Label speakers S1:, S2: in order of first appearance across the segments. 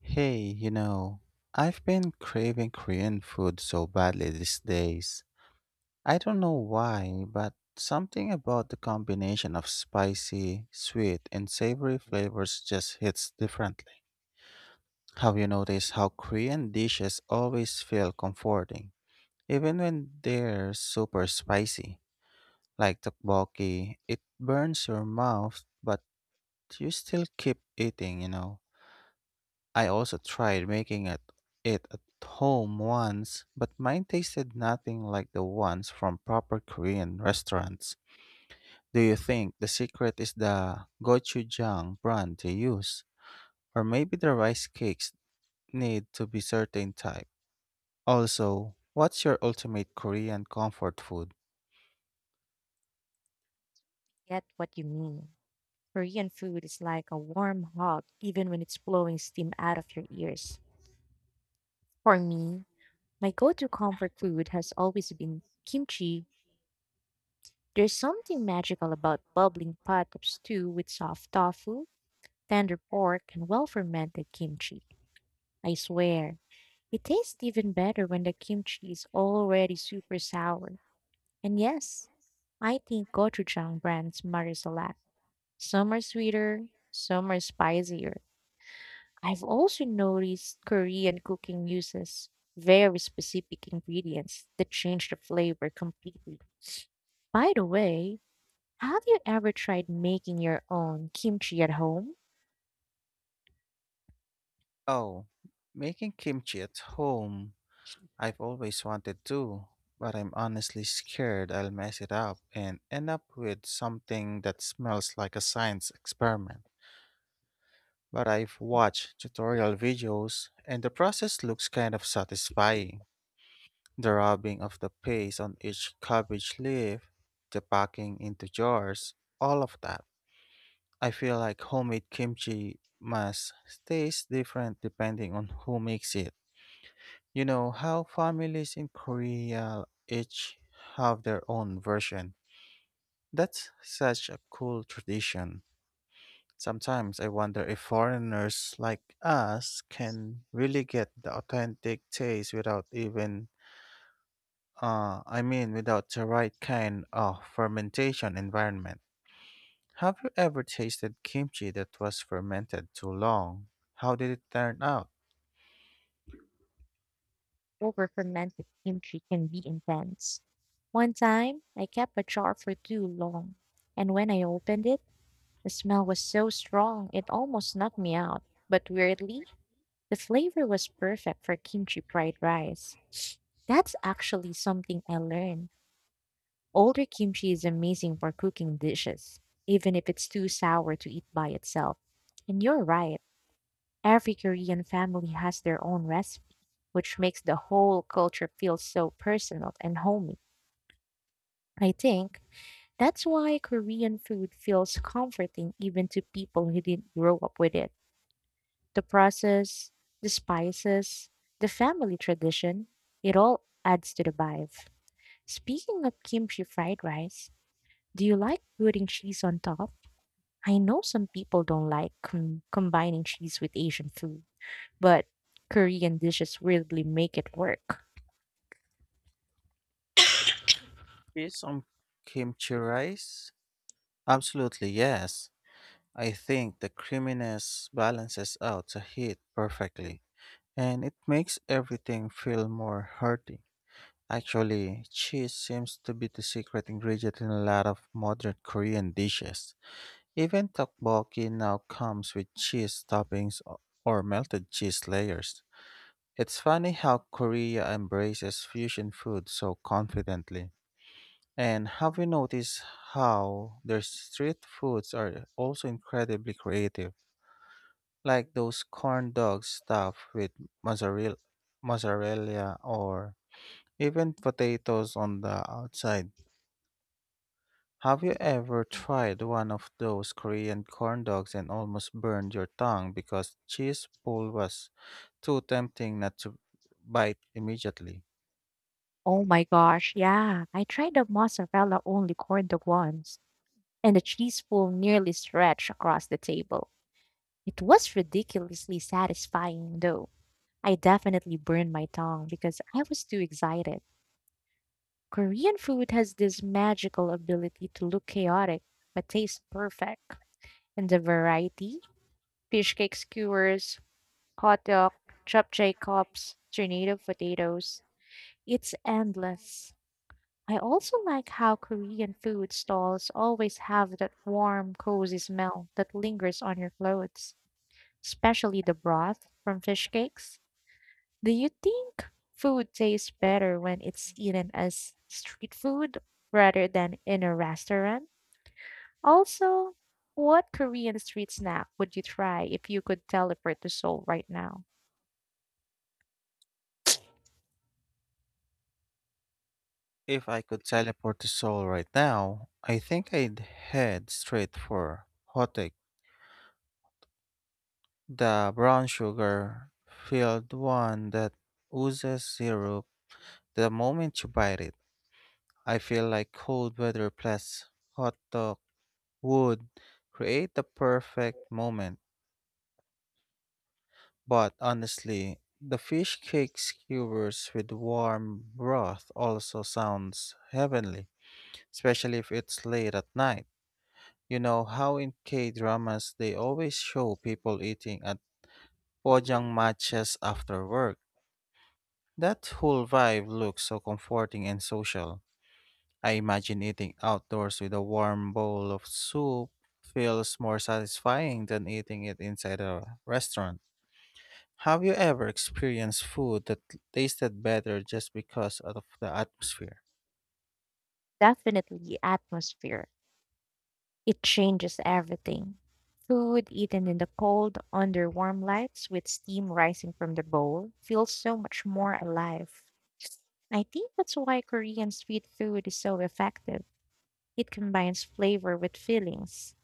S1: Hey, I've been craving Korean food so badly these days. I don't know why, but something about the combination of spicy, sweet, and savory flavors just hits differently. Have you noticed how Korean dishes always feel comforting, even when they're super spicy? Like tteokbokki, it burns your mouth, but you still keep eating. I also tried it at home once, but mine tasted nothing like the ones from proper Korean restaurants. Do you think the secret is the gochujang brand they use? Or maybe the rice cakes need to be certain type? Also, what's your ultimate Korean comfort food?
S2: Get what you mean. Korean food is like a warm hug, even when it's blowing steam out of your ears. For me, my go to comfort food has always been kimchi. There's something magical about bubbling pot of stew with soft tofu, tender pork, and well fermented kimchi. I swear, it tastes even better when the kimchi is already super sour. And yes, I think gochujang brands matters a lot. Some are sweeter, some are spicier, I've also noticed Korean cooking uses very specific ingredients that change the flavor completely. By the way, have you ever tried making your own kimchi at home?
S1: Oh, making kimchi at home I've always wanted to, but I'm honestly scared I'll mess it up and end up with something that smells like a science experiment. But I've watched tutorial videos and the process looks kind of satisfying. The rubbing of the paste on each cabbage leaf, the packing into jars, all of that. I feel like homemade kimchi must taste different depending on who makes it. You know how families in Korea each have their own version. That's such a cool tradition. Sometimes I wonder if foreigners like us can really get the authentic taste without without the right kind of fermentation environment. Have you ever tasted kimchi that was fermented too long? How did it turn out?
S2: Over fermented kimchi can be intense. One time, I kept a jar for too long, and when I opened it, the smell was so strong it almost knocked me out. But weirdly, the flavor was perfect for kimchi fried rice. That's actually something I learned. Older kimchi is amazing for cooking dishes, even if it's too sour to eat by itself. And you're right, every Korean family has their own recipe, which makes the whole culture feel so personal and homey. I think that's why Korean food feels comforting even to people who didn't grow up with it. The process, the spices, the family tradition, it all adds to the vibe. Speaking of kimchi fried rice, do you like putting cheese on top? I know some people don't like combining cheese with Asian food, but Korean dishes really make it work.
S1: Is some kimchi rice? Absolutely, yes. I think the creaminess balances out the heat perfectly, and it makes everything feel more hearty. Actually, cheese seems to be the secret ingredient in a lot of modern Korean dishes. Even tteokbokki now comes with cheese toppings or melted cheese layers. It's funny how Korea embraces fusion food so confidently. And have you noticed how their street foods are also incredibly creative? Like those corn dogs stuffed with mozzarella, mozzarella or even potatoes on the outside. Have you ever tried one of those Korean corn dogs and almost burned your tongue because cheese pull was too tempting not to bite immediately?
S2: Oh my gosh, yeah. I tried the mozzarella only corn dog once, and the cheese pool nearly stretched across the table. It was ridiculously satisfying, though. I definitely burned my tongue because I was too excited. Korean food has this magical ability to look chaotic but taste perfect. And the variety fish cake skewers, hot dog, japchae cups, tornado potatoes it's endless. I also like how Korean food stalls always have that warm, cozy smell that lingers on your clothes, especially the broth from fish cakes. Do you think food tastes better when it's eaten as street food rather than in a restaurant? Also, what Korean street snack would you try if you could teleport to Seoul right now?
S1: If I could teleport to Seoul right now, I think I'd head straight for hotae, the brown sugar filled one that oozes zero. The moment you bite it, I feel like cold weather plus hot dog would create the perfect moment. But honestly, the fish cake skewers with warm broth also sounds heavenly, especially if it's late at night. You know how in K dramas they always show people eating at pojang matches after work. That whole vibe looks so comforting and social. I imagine eating outdoors with a warm bowl of soup feels more satisfying than eating it inside a restaurant. Have you ever experienced food that tasted better just because of the atmosphere?
S2: Definitely atmosphere. It changes everything. Food eaten in the cold, under warm lights, with steam rising from the bowl, feels so much more alive. I think that's why Korean street food is so effective. It combines flavor with feelings.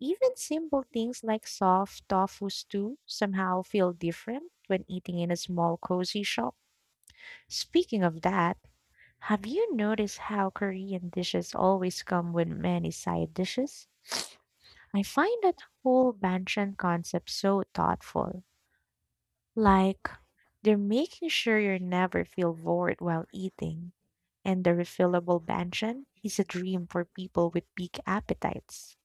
S2: Even simple things like soft tofu stew somehow feel different when eating in a small cozy shop. Speaking of that, have you noticed how Korean dishes always come with many side dishes? I find that whole banchan concept so thoughtful. Like, they're making sure you never feel bored while eating. And the refillable banchan is a dream for people with big appetites.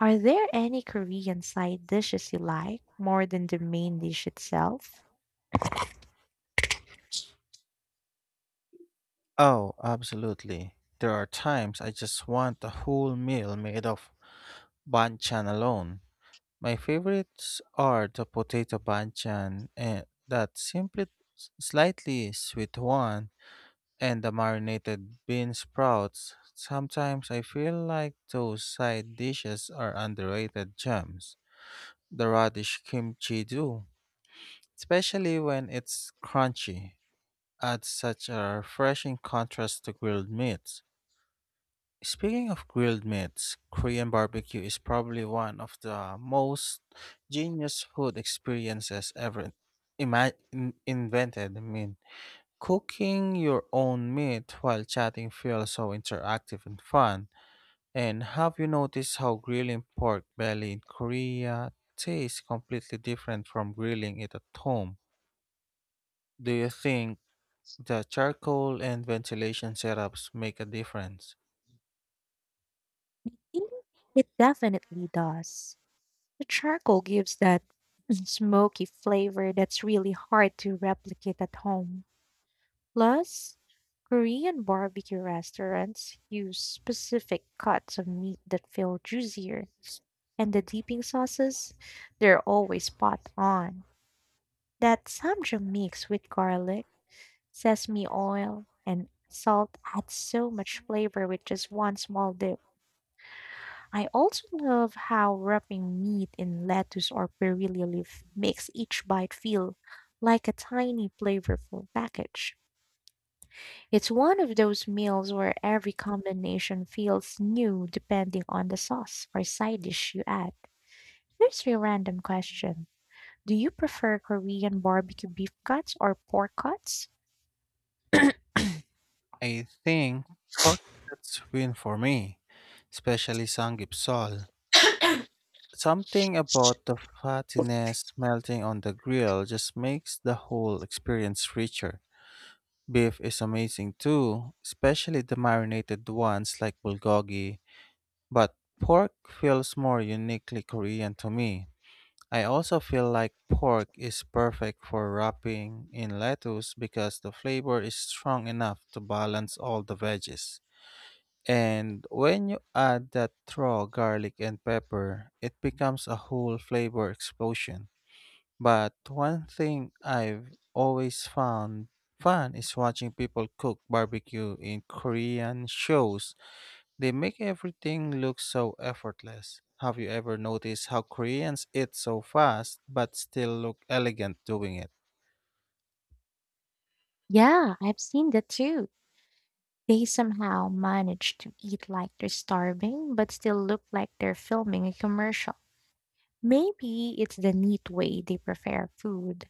S2: Are there any Korean side dishes you like more than the main dish itself?
S1: Oh, absolutely. There are times I just want a whole meal made of banchan alone. My favorites are the potato banchan and that simply slightly sweet one. And the marinated bean sprouts. Sometimes I feel like those side dishes are underrated gems. The radish kimchi do, especially when it's crunchy, adds such a refreshing contrast to grilled meats. Speaking of grilled meats, Korean barbecue is probably one of the most genius food experiences ever invented. Cooking your own meat while chatting feels so interactive and fun. And have you noticed how grilling pork belly in Korea tastes completely different from grilling it at home? Do you think the charcoal and ventilation setups make a difference?
S2: Mm, it definitely does. The charcoal gives that smoky flavor that's really hard to replicate at home. Plus, Korean barbecue restaurants use specific cuts of meat that feel juicier. And the dipping sauces, they're always spot on. That samjang mix with garlic, sesame oil, and salt add so much flavor with just one small dip. I also love how wrapping meat in lettuce or perilla leaf makes each bite feel like a tiny flavorful package. It's one of those meals where every combination feels new depending on the sauce or side dish you add. Here's your random question. Do you prefer Korean barbecue beef cuts or pork cuts?
S1: I think pork cuts win for me, especially Sanggipsal. Something about the fattiness melting on the grill just makes the whole experience richer. Beef is amazing too, especially the marinated ones like bulgogi, but pork feels more uniquely Korean to me. I also feel like pork is perfect for wrapping in lettuce because the flavor is strong enough to balance all the veggies. And when you add that raw garlic and pepper, it becomes a whole flavor explosion. But one thing I've always found fun is watching people cook barbecue in Korean shows. They make everything look so effortless. Have you ever noticed how Koreans eat so fast but still look elegant doing it?
S2: Yeah, I've seen that too. They somehow manage to eat like they're starving, but still look like they're filming a commercial. Maybe it's the neat way they prepare food,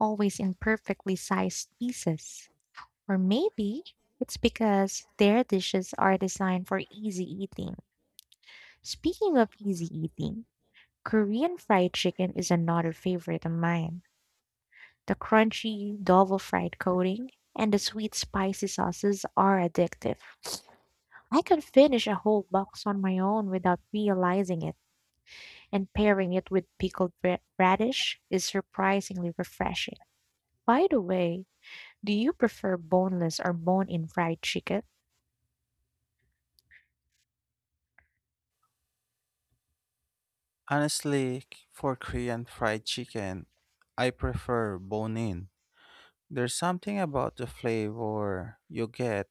S2: always in perfectly sized pieces. Or maybe it's because their dishes are designed for easy eating. Speaking of easy eating, Korean fried chicken is another favorite of mine. The crunchy, double fried coating and the sweet, spicy sauces are addictive. I can finish a whole box on my own without realizing it, and pairing it with pickled radish is surprisingly refreshing. By the way, do you prefer boneless or bone in fried chicken?
S1: Honestly, for Korean fried chicken, I prefer bone in. There's something about the flavor you get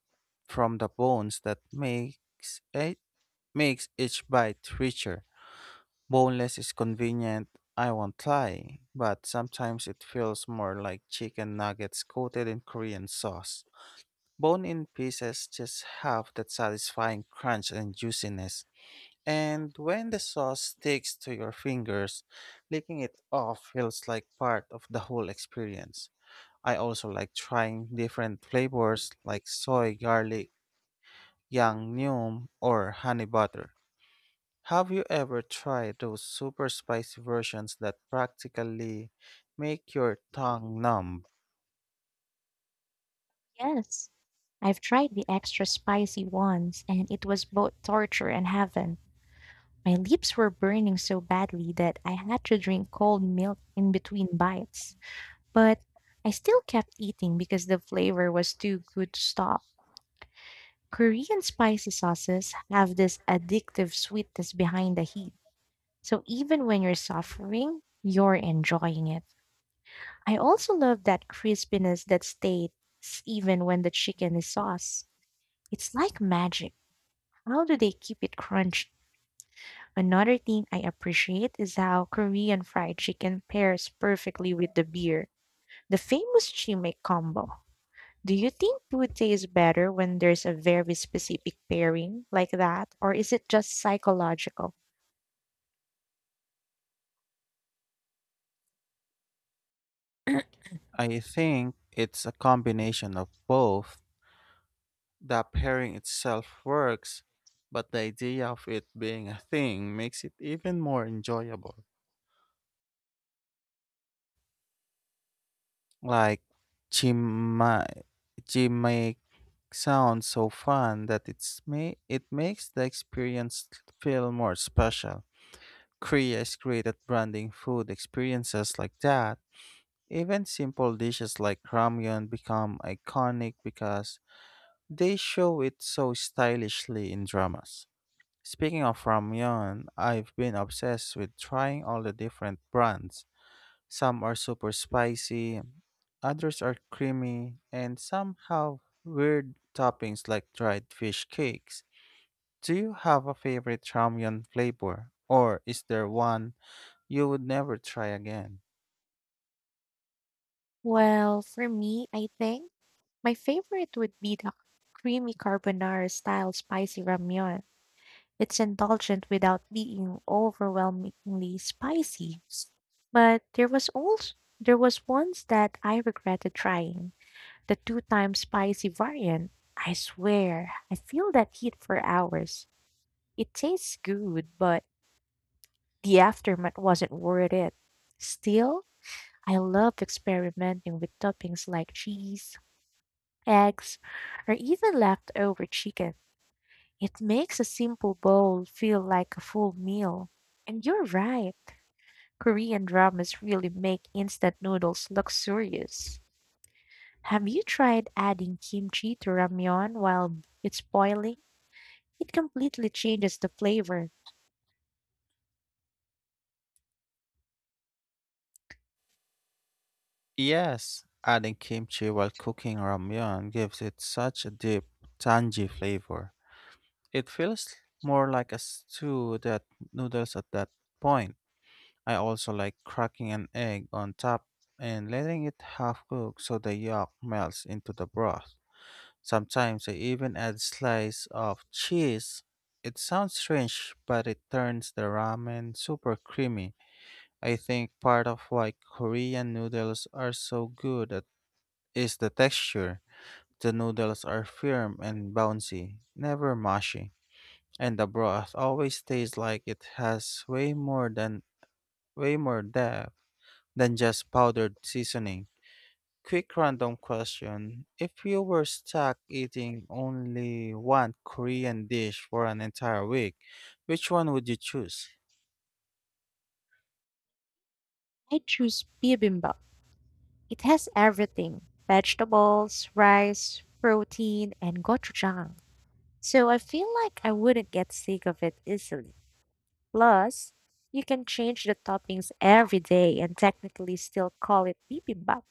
S1: from the bones that makes each bite richer. Boneless is convenient, I won't lie, but sometimes it feels more like chicken nuggets coated in Korean sauce. Bone in pieces just have that satisfying crunch and juiciness. And when the sauce sticks to your fingers, licking it off feels like part of the whole experience. I also like trying different flavors like soy, garlic, yang neum, or honey butter. Have you ever tried those super spicy versions that practically make your tongue numb?
S2: Yes. I've tried the extra spicy ones, and it was both torture and heaven. My lips were burning so badly that I had to drink cold milk in between bites. But I still kept eating because the flavor was too good to stop. Korean spicy sauces have this addictive sweetness behind the heat. So even when you're suffering, you're enjoying it. I also love that crispiness that stays even when the chicken is sauce. It's like magic. How do they keep it crunchy? Another thing I appreciate is how Korean fried chicken pairs perfectly with the beer. The famous chimay combo. Do you think food tastes better when there's a very specific pairing like that, or is it just psychological?
S1: I think it's a combination of both. The pairing itself works, but the idea of it being a thing makes it even more enjoyable. Like chimay, chimay sounds so fun that it makes the experience feel more special. Korea is great at branding food experiences like that. Even simple dishes like ramyun become iconic because they show it so stylishly in dramas. Speaking of ramyun, I've been obsessed with trying all the different brands. Some are super spicy, others are creamy, and some have weird toppings like dried fish cakes. Do you have a favorite ramyun flavor, or is there one you would never try again?
S2: Well, for me, I think my favorite would be the creamy carbonara style spicy ramyun. It's indulgent without being overwhelmingly spicy. But there was once that I regretted trying the two times spicy variant. I swear, I feel that heat for hours. It tastes good, but the aftermath wasn't worth it. Still, I loved experimenting with toppings like cheese, eggs, or even leftover chicken. It makes a simple bowl feel like a full meal. And you're right, Korean dramas really make instant noodles luxurious. Have you tried adding kimchi to ramyeon while it's boiling? It completely changes the flavor.
S1: Yes, adding kimchi while cooking ramyeon gives it such a deep, tangy flavor. It feels more like a stew than noodles at that point. I also like cracking an egg on top and letting it half cook so the yolk melts into the broth. Sometimes I even add slice of cheese. It sounds strange, but it turns the ramen super creamy. I think part of why Korean noodles are so good is the texture. The noodles are firm and bouncy, never mushy, and the broth always tastes like it has way more depth than just powdered seasoning. Quick random question. If you were stuck eating only one Korean dish for an entire week, which one would you choose?
S2: I choose bibimbap. It has everything: vegetables, rice, protein, and gochujang. So I feel like I wouldn't get sick of it easily. Plus, you can change the toppings every day and technically still call it bibimbap.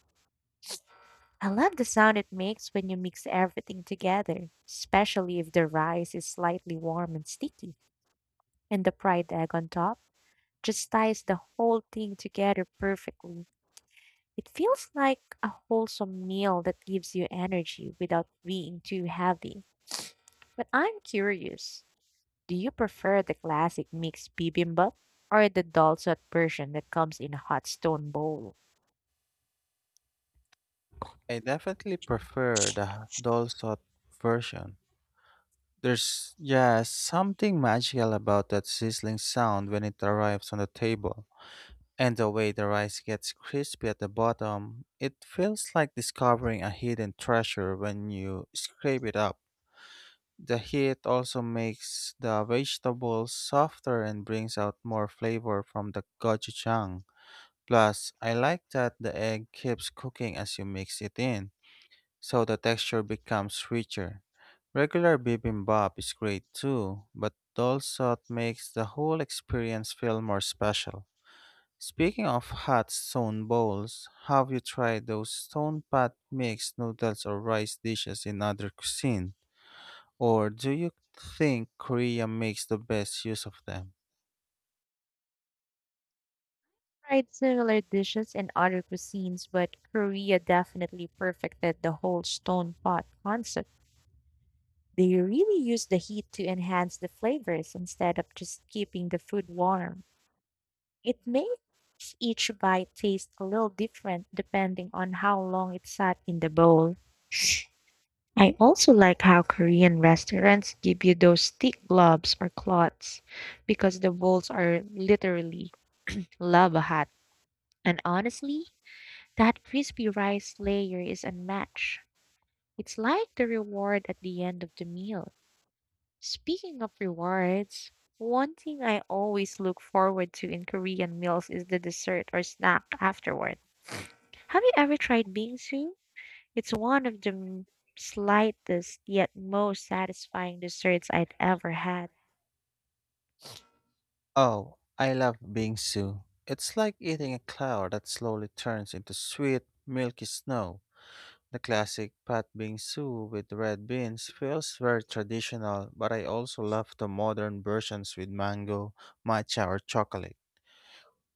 S2: I love the sound it makes when you mix everything together, especially if the rice is slightly warm and sticky, and the fried egg on top just ties the whole thing together perfectly. It feels like a wholesome meal that gives you energy without being too heavy. But I'm curious, do you prefer the classic mixed bibimbap or the dalsat version that comes in a hot stone bowl?
S1: I definitely prefer the dolsot version. Something magical about that sizzling sound when it arrives on the table. And the way the rice gets crispy at the bottom, it feels like discovering a hidden treasure when you scrape it up. The heat also makes the vegetables softer and brings out more flavor from the gochujang. Plus, I like that the egg keeps cooking as you mix it in so the texture becomes richer. Regular bibimbap is great too, but dal sot makes the whole experience feel more special. Speaking of hot stone bowls, have you tried those stone pot mixed noodles or rice dishes in other cuisine? Or do you think Korea makes the best use of them?
S2: Tried similar dishes in other cuisines, but Korea definitely perfected the whole stone pot concept. They really use the heat to enhance the flavors instead of just keeping the food warm. It makes each bite taste a little different depending on how long it sat in the bowl. I also like how Korean restaurants give you those thick globs or cloths because the bowls are literally lava hot. And honestly, that crispy rice layer is unmatched. It's like the reward at the end of the meal. Speaking of rewards, one thing I always look forward to in Korean meals is the dessert or snack afterward. Have you ever tried bingsu? It's one of the slightest yet most satisfying desserts I'd ever had.
S1: Oh, I love bingsu. It's like eating a cloud that slowly turns into sweet, milky snow. The classic pat bing stew with red beans feels very traditional, but I also love the modern versions with mango, matcha, or chocolate.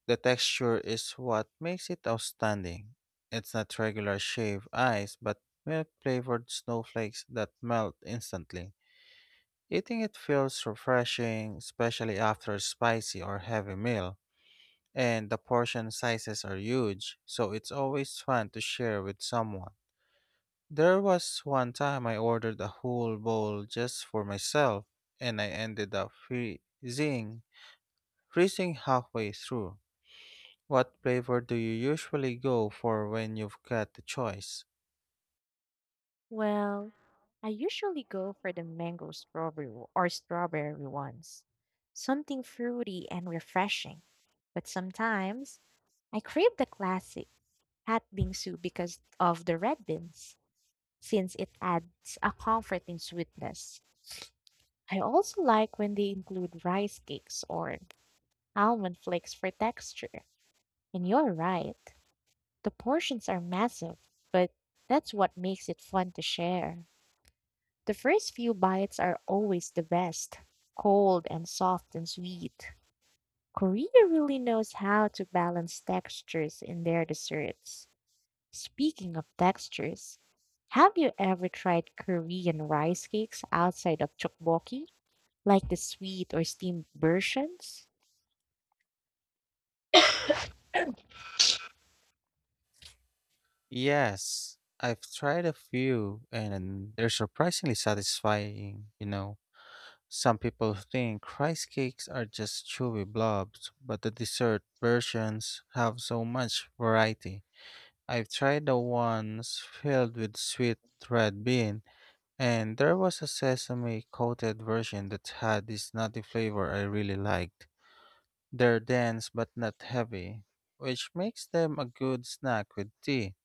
S1: The texture is what makes it outstanding. It's not regular shaved ice, but milk flavored snowflakes that melt instantly. Eating it feels refreshing, especially after a spicy or heavy meal. And the portion sizes are huge, so it's always fun to share with someone. There was one time I ordered a whole bowl just for myself, and I ended up freezing halfway through. What flavor do you usually go for when you've got the choice?
S2: Well, I usually go for the mango strawberry or strawberry ones. Something fruity and refreshing. But sometimes I crave the classic hot bingsu because of the red beans, since it adds a comforting sweetness. I also like when they include rice cakes or almond flakes for texture. And you're right. The portions are massive, but that's what makes it fun to share. The first few bites are always the best, cold and soft and sweet. Korea really knows how to balance textures in their desserts. Speaking of textures, have you ever tried Korean rice cakes outside of tteokbokki, like the sweet or steamed versions?
S1: Yes, I've tried a few, and they're surprisingly satisfying. Some people think rice cakes are just chewy blobs, but the dessert versions have so much variety. I've tried the ones filled with sweet red bean, and there was a sesame coated version that had this nutty flavor I really liked. They're dense but not heavy, which makes them a good snack with tea.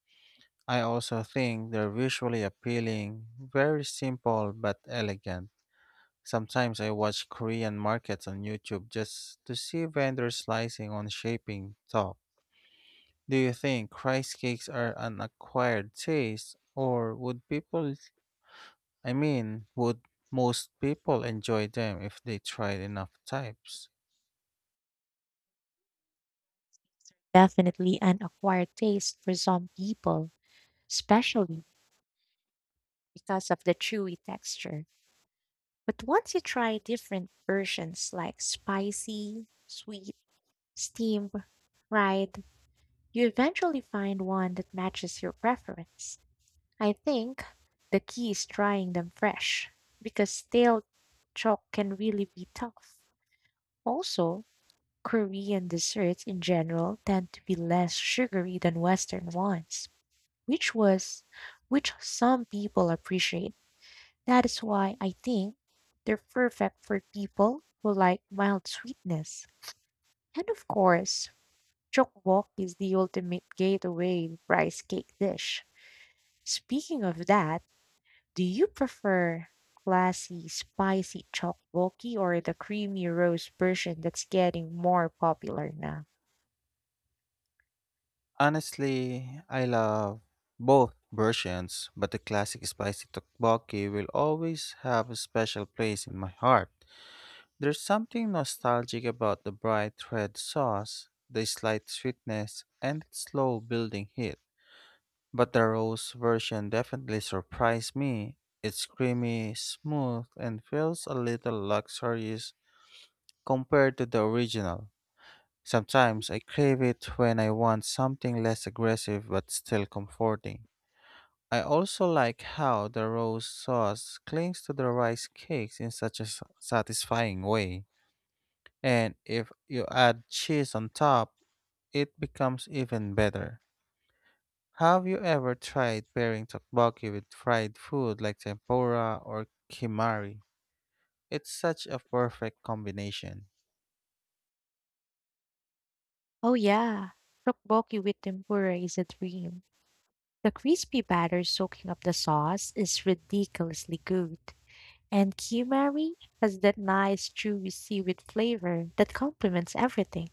S1: I also think they're visually appealing, very simple but elegant. Sometimes I watch Korean markets on YouTube just to see vendors slicing on shaping top. Do you think rice cakes are an acquired taste, or would would most people enjoy them if they tried enough types?
S2: Definitely an acquired taste for some people, especially because of the chewy texture. But once you try different versions like spicy, sweet, steamed, fried, you eventually find one that matches your preference. I think the key is trying them fresh because stale chalk can really be tough. Also, Korean desserts in general tend to be less sugary than Western ones, which was which some people appreciate. That is why I think they're perfect for people who like mild sweetness. And of course, wok is the ultimate gateway rice cake dish. Speaking of that, do you prefer classy, spicy wokey or the creamy roast version that's getting more popular now?
S1: Honestly, I love both versions, but the classic spicy tteokbokki will always have a special place in my heart. There's something nostalgic about the bright red sauce, the slight sweetness, and its slow building heat. But the rose version definitely surprised me. It's creamy, smooth, and feels a little luxurious compared to the original. Sometimes I crave it when I want something less aggressive but still comforting. I also like how the rose sauce clings to the rice cakes in such a satisfying way. And if you add cheese on top, it becomes even better. Have you ever tried pairing tteokbokki with fried food like tempura or kimari? It's such a perfect combination.
S2: Oh yeah, wokey with tempura is a dream. The crispy batter soaking up the sauce is ridiculously good. And kimari has that nice chewy seaweed flavor that complements everything.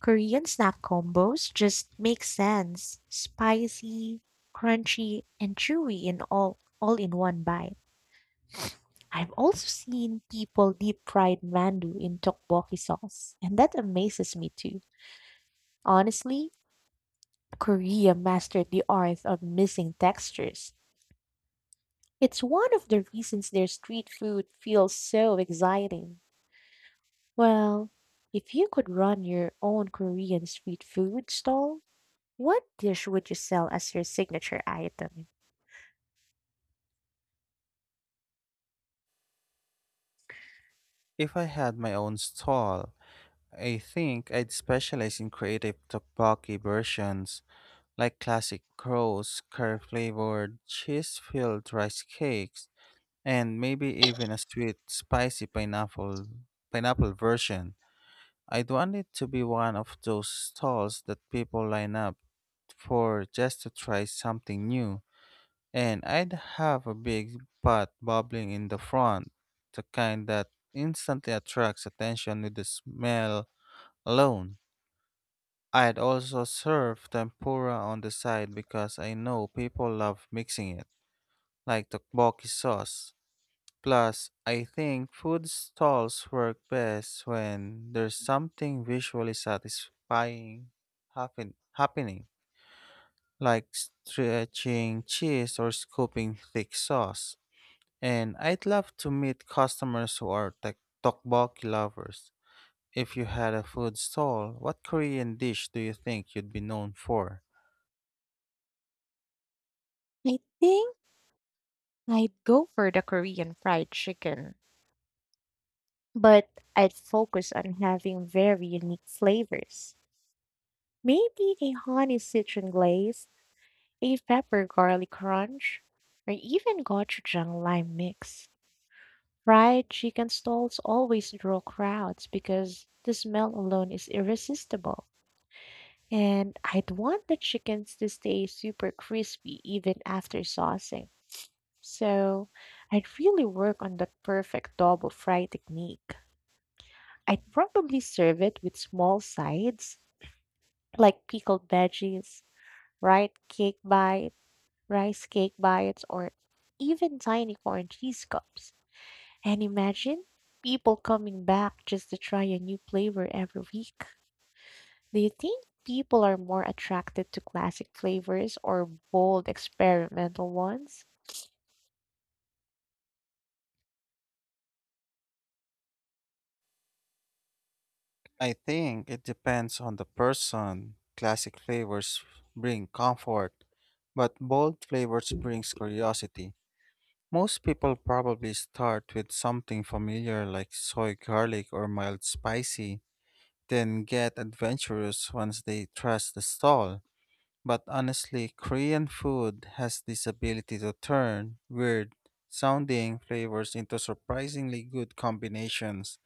S2: Korean snack combos just make sense. Spicy, crunchy, and chewy in all in one bite. I've also seen people deep fried mandu in tteokbokki sauce, and that amazes me too. Honestly, Korea mastered the art of missing textures. It's one of the reasons their street food feels so exciting. Well, if you could run your own Korean street food stall, what dish would you sell as your signature item?
S1: If I had my own stall, I think I'd specialize in creative tteokbokki versions like classic crows, curry flavored, cheese filled rice cakes, and maybe even a sweet, spicy pineapple version. I'd want it to be one of those stalls that people line up for just to try something new. And I'd have a big pot bubbling in the front, the kind that instantly attracts attention with the smell alone. I'd also serve tempura on the side because I know people love mixing it, like tteokbokki sauce. Plus, I think food stalls work best when there's something visually satisfying happening, like stretching cheese or scooping thick sauce. And I'd love to meet customers who are tteokbokki lovers. If you had a food stall, what Korean dish do you think you'd be known for?
S2: I think I'd go for the Korean fried chicken, but I'd focus on having very unique flavors. Maybe a honey citron glaze, a pepper garlic crunch, or even gochujang lime mix. Fried chicken stalls always draw crowds because the smell alone is irresistible. And I'd want the chickens to stay super crispy even after saucing. So I'd really work on that perfect double fry technique. I'd probably serve it with small sides like pickled veggies, right? Cake bite, rice cake bites, or even tiny corn cheese cups. And imagine people coming back just to try a new flavor every week. Do you think people are more attracted to classic flavors or bold experimental ones?
S1: I think it depends on the person. Classic flavors bring comfort, but bold flavors brings curiosity. Most people probably start with something familiar like soy garlic or mild spicy, then get adventurous once they trust the stall. But honestly, Korean food has this ability to turn weird sounding flavors into surprisingly good combinations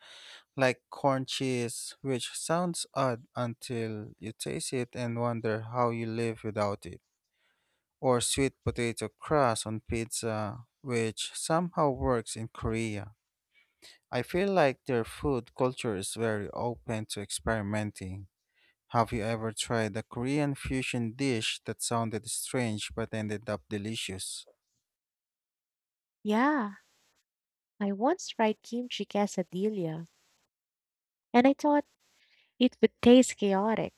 S1: like corn cheese, which sounds odd until you taste it and wonder how you live without it, or sweet potato crust on pizza, which somehow works in Korea. I feel like their food culture is very open to experimenting. Have you ever tried a Korean fusion dish that sounded strange but ended up delicious?
S2: Yeah, I once tried kimchi quesadilla, and I thought it would taste chaotic,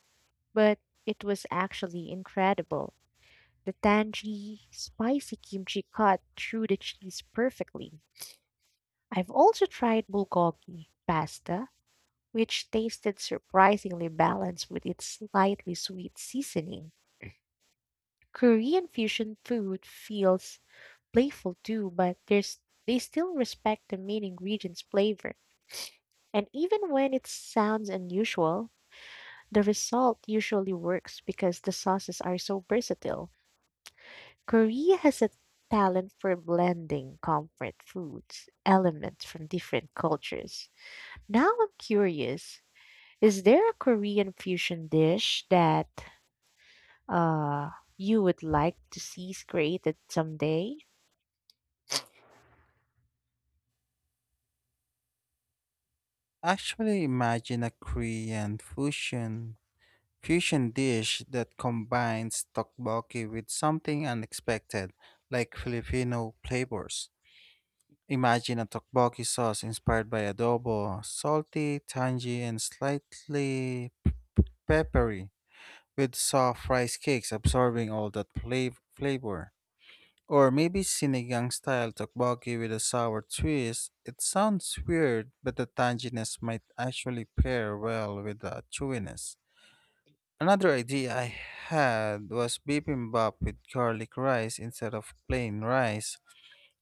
S2: but it was actually incredible. The tangy, spicy kimchi cut through the cheese perfectly. I've also tried bulgogi pasta, which tasted surprisingly balanced with its slightly sweet seasoning. Korean fusion food feels playful too, but there's they still respect the main ingredient's flavor. And even when it sounds unusual, the result usually works because the sauces are so versatile. Korea has a talent for blending comfort foods, elements from different cultures. Now I'm curious, is there a Korean fusion dish that uh you would like to see created someday?
S1: Actually, imagine a Korean fusion Fusion dish that combines tteokbokki with something unexpected, like Filipino flavors. Imagine a tteokbokki sauce inspired by adobo, salty, tangy, and slightly peppery, with soft rice cakes absorbing all that flavor. Or maybe sinigang style tteokbokki with a sour twist. It sounds weird, but the tanginess might actually pair well with the chewiness. Another idea I had was bibimbap with garlic rice instead of plain rice,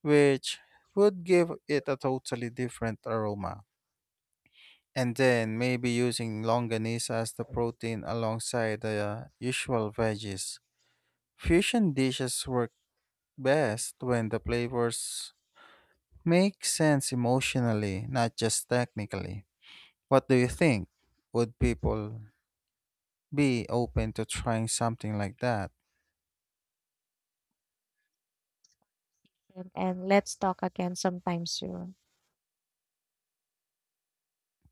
S1: which would give it a totally different aroma. And then maybe using longanisa as the protein alongside the usual veggies. Fusion dishes work best when the flavors make sense emotionally, not just technically. What do you think? Would people be open to trying something like that?
S2: And let's talk again sometime soon.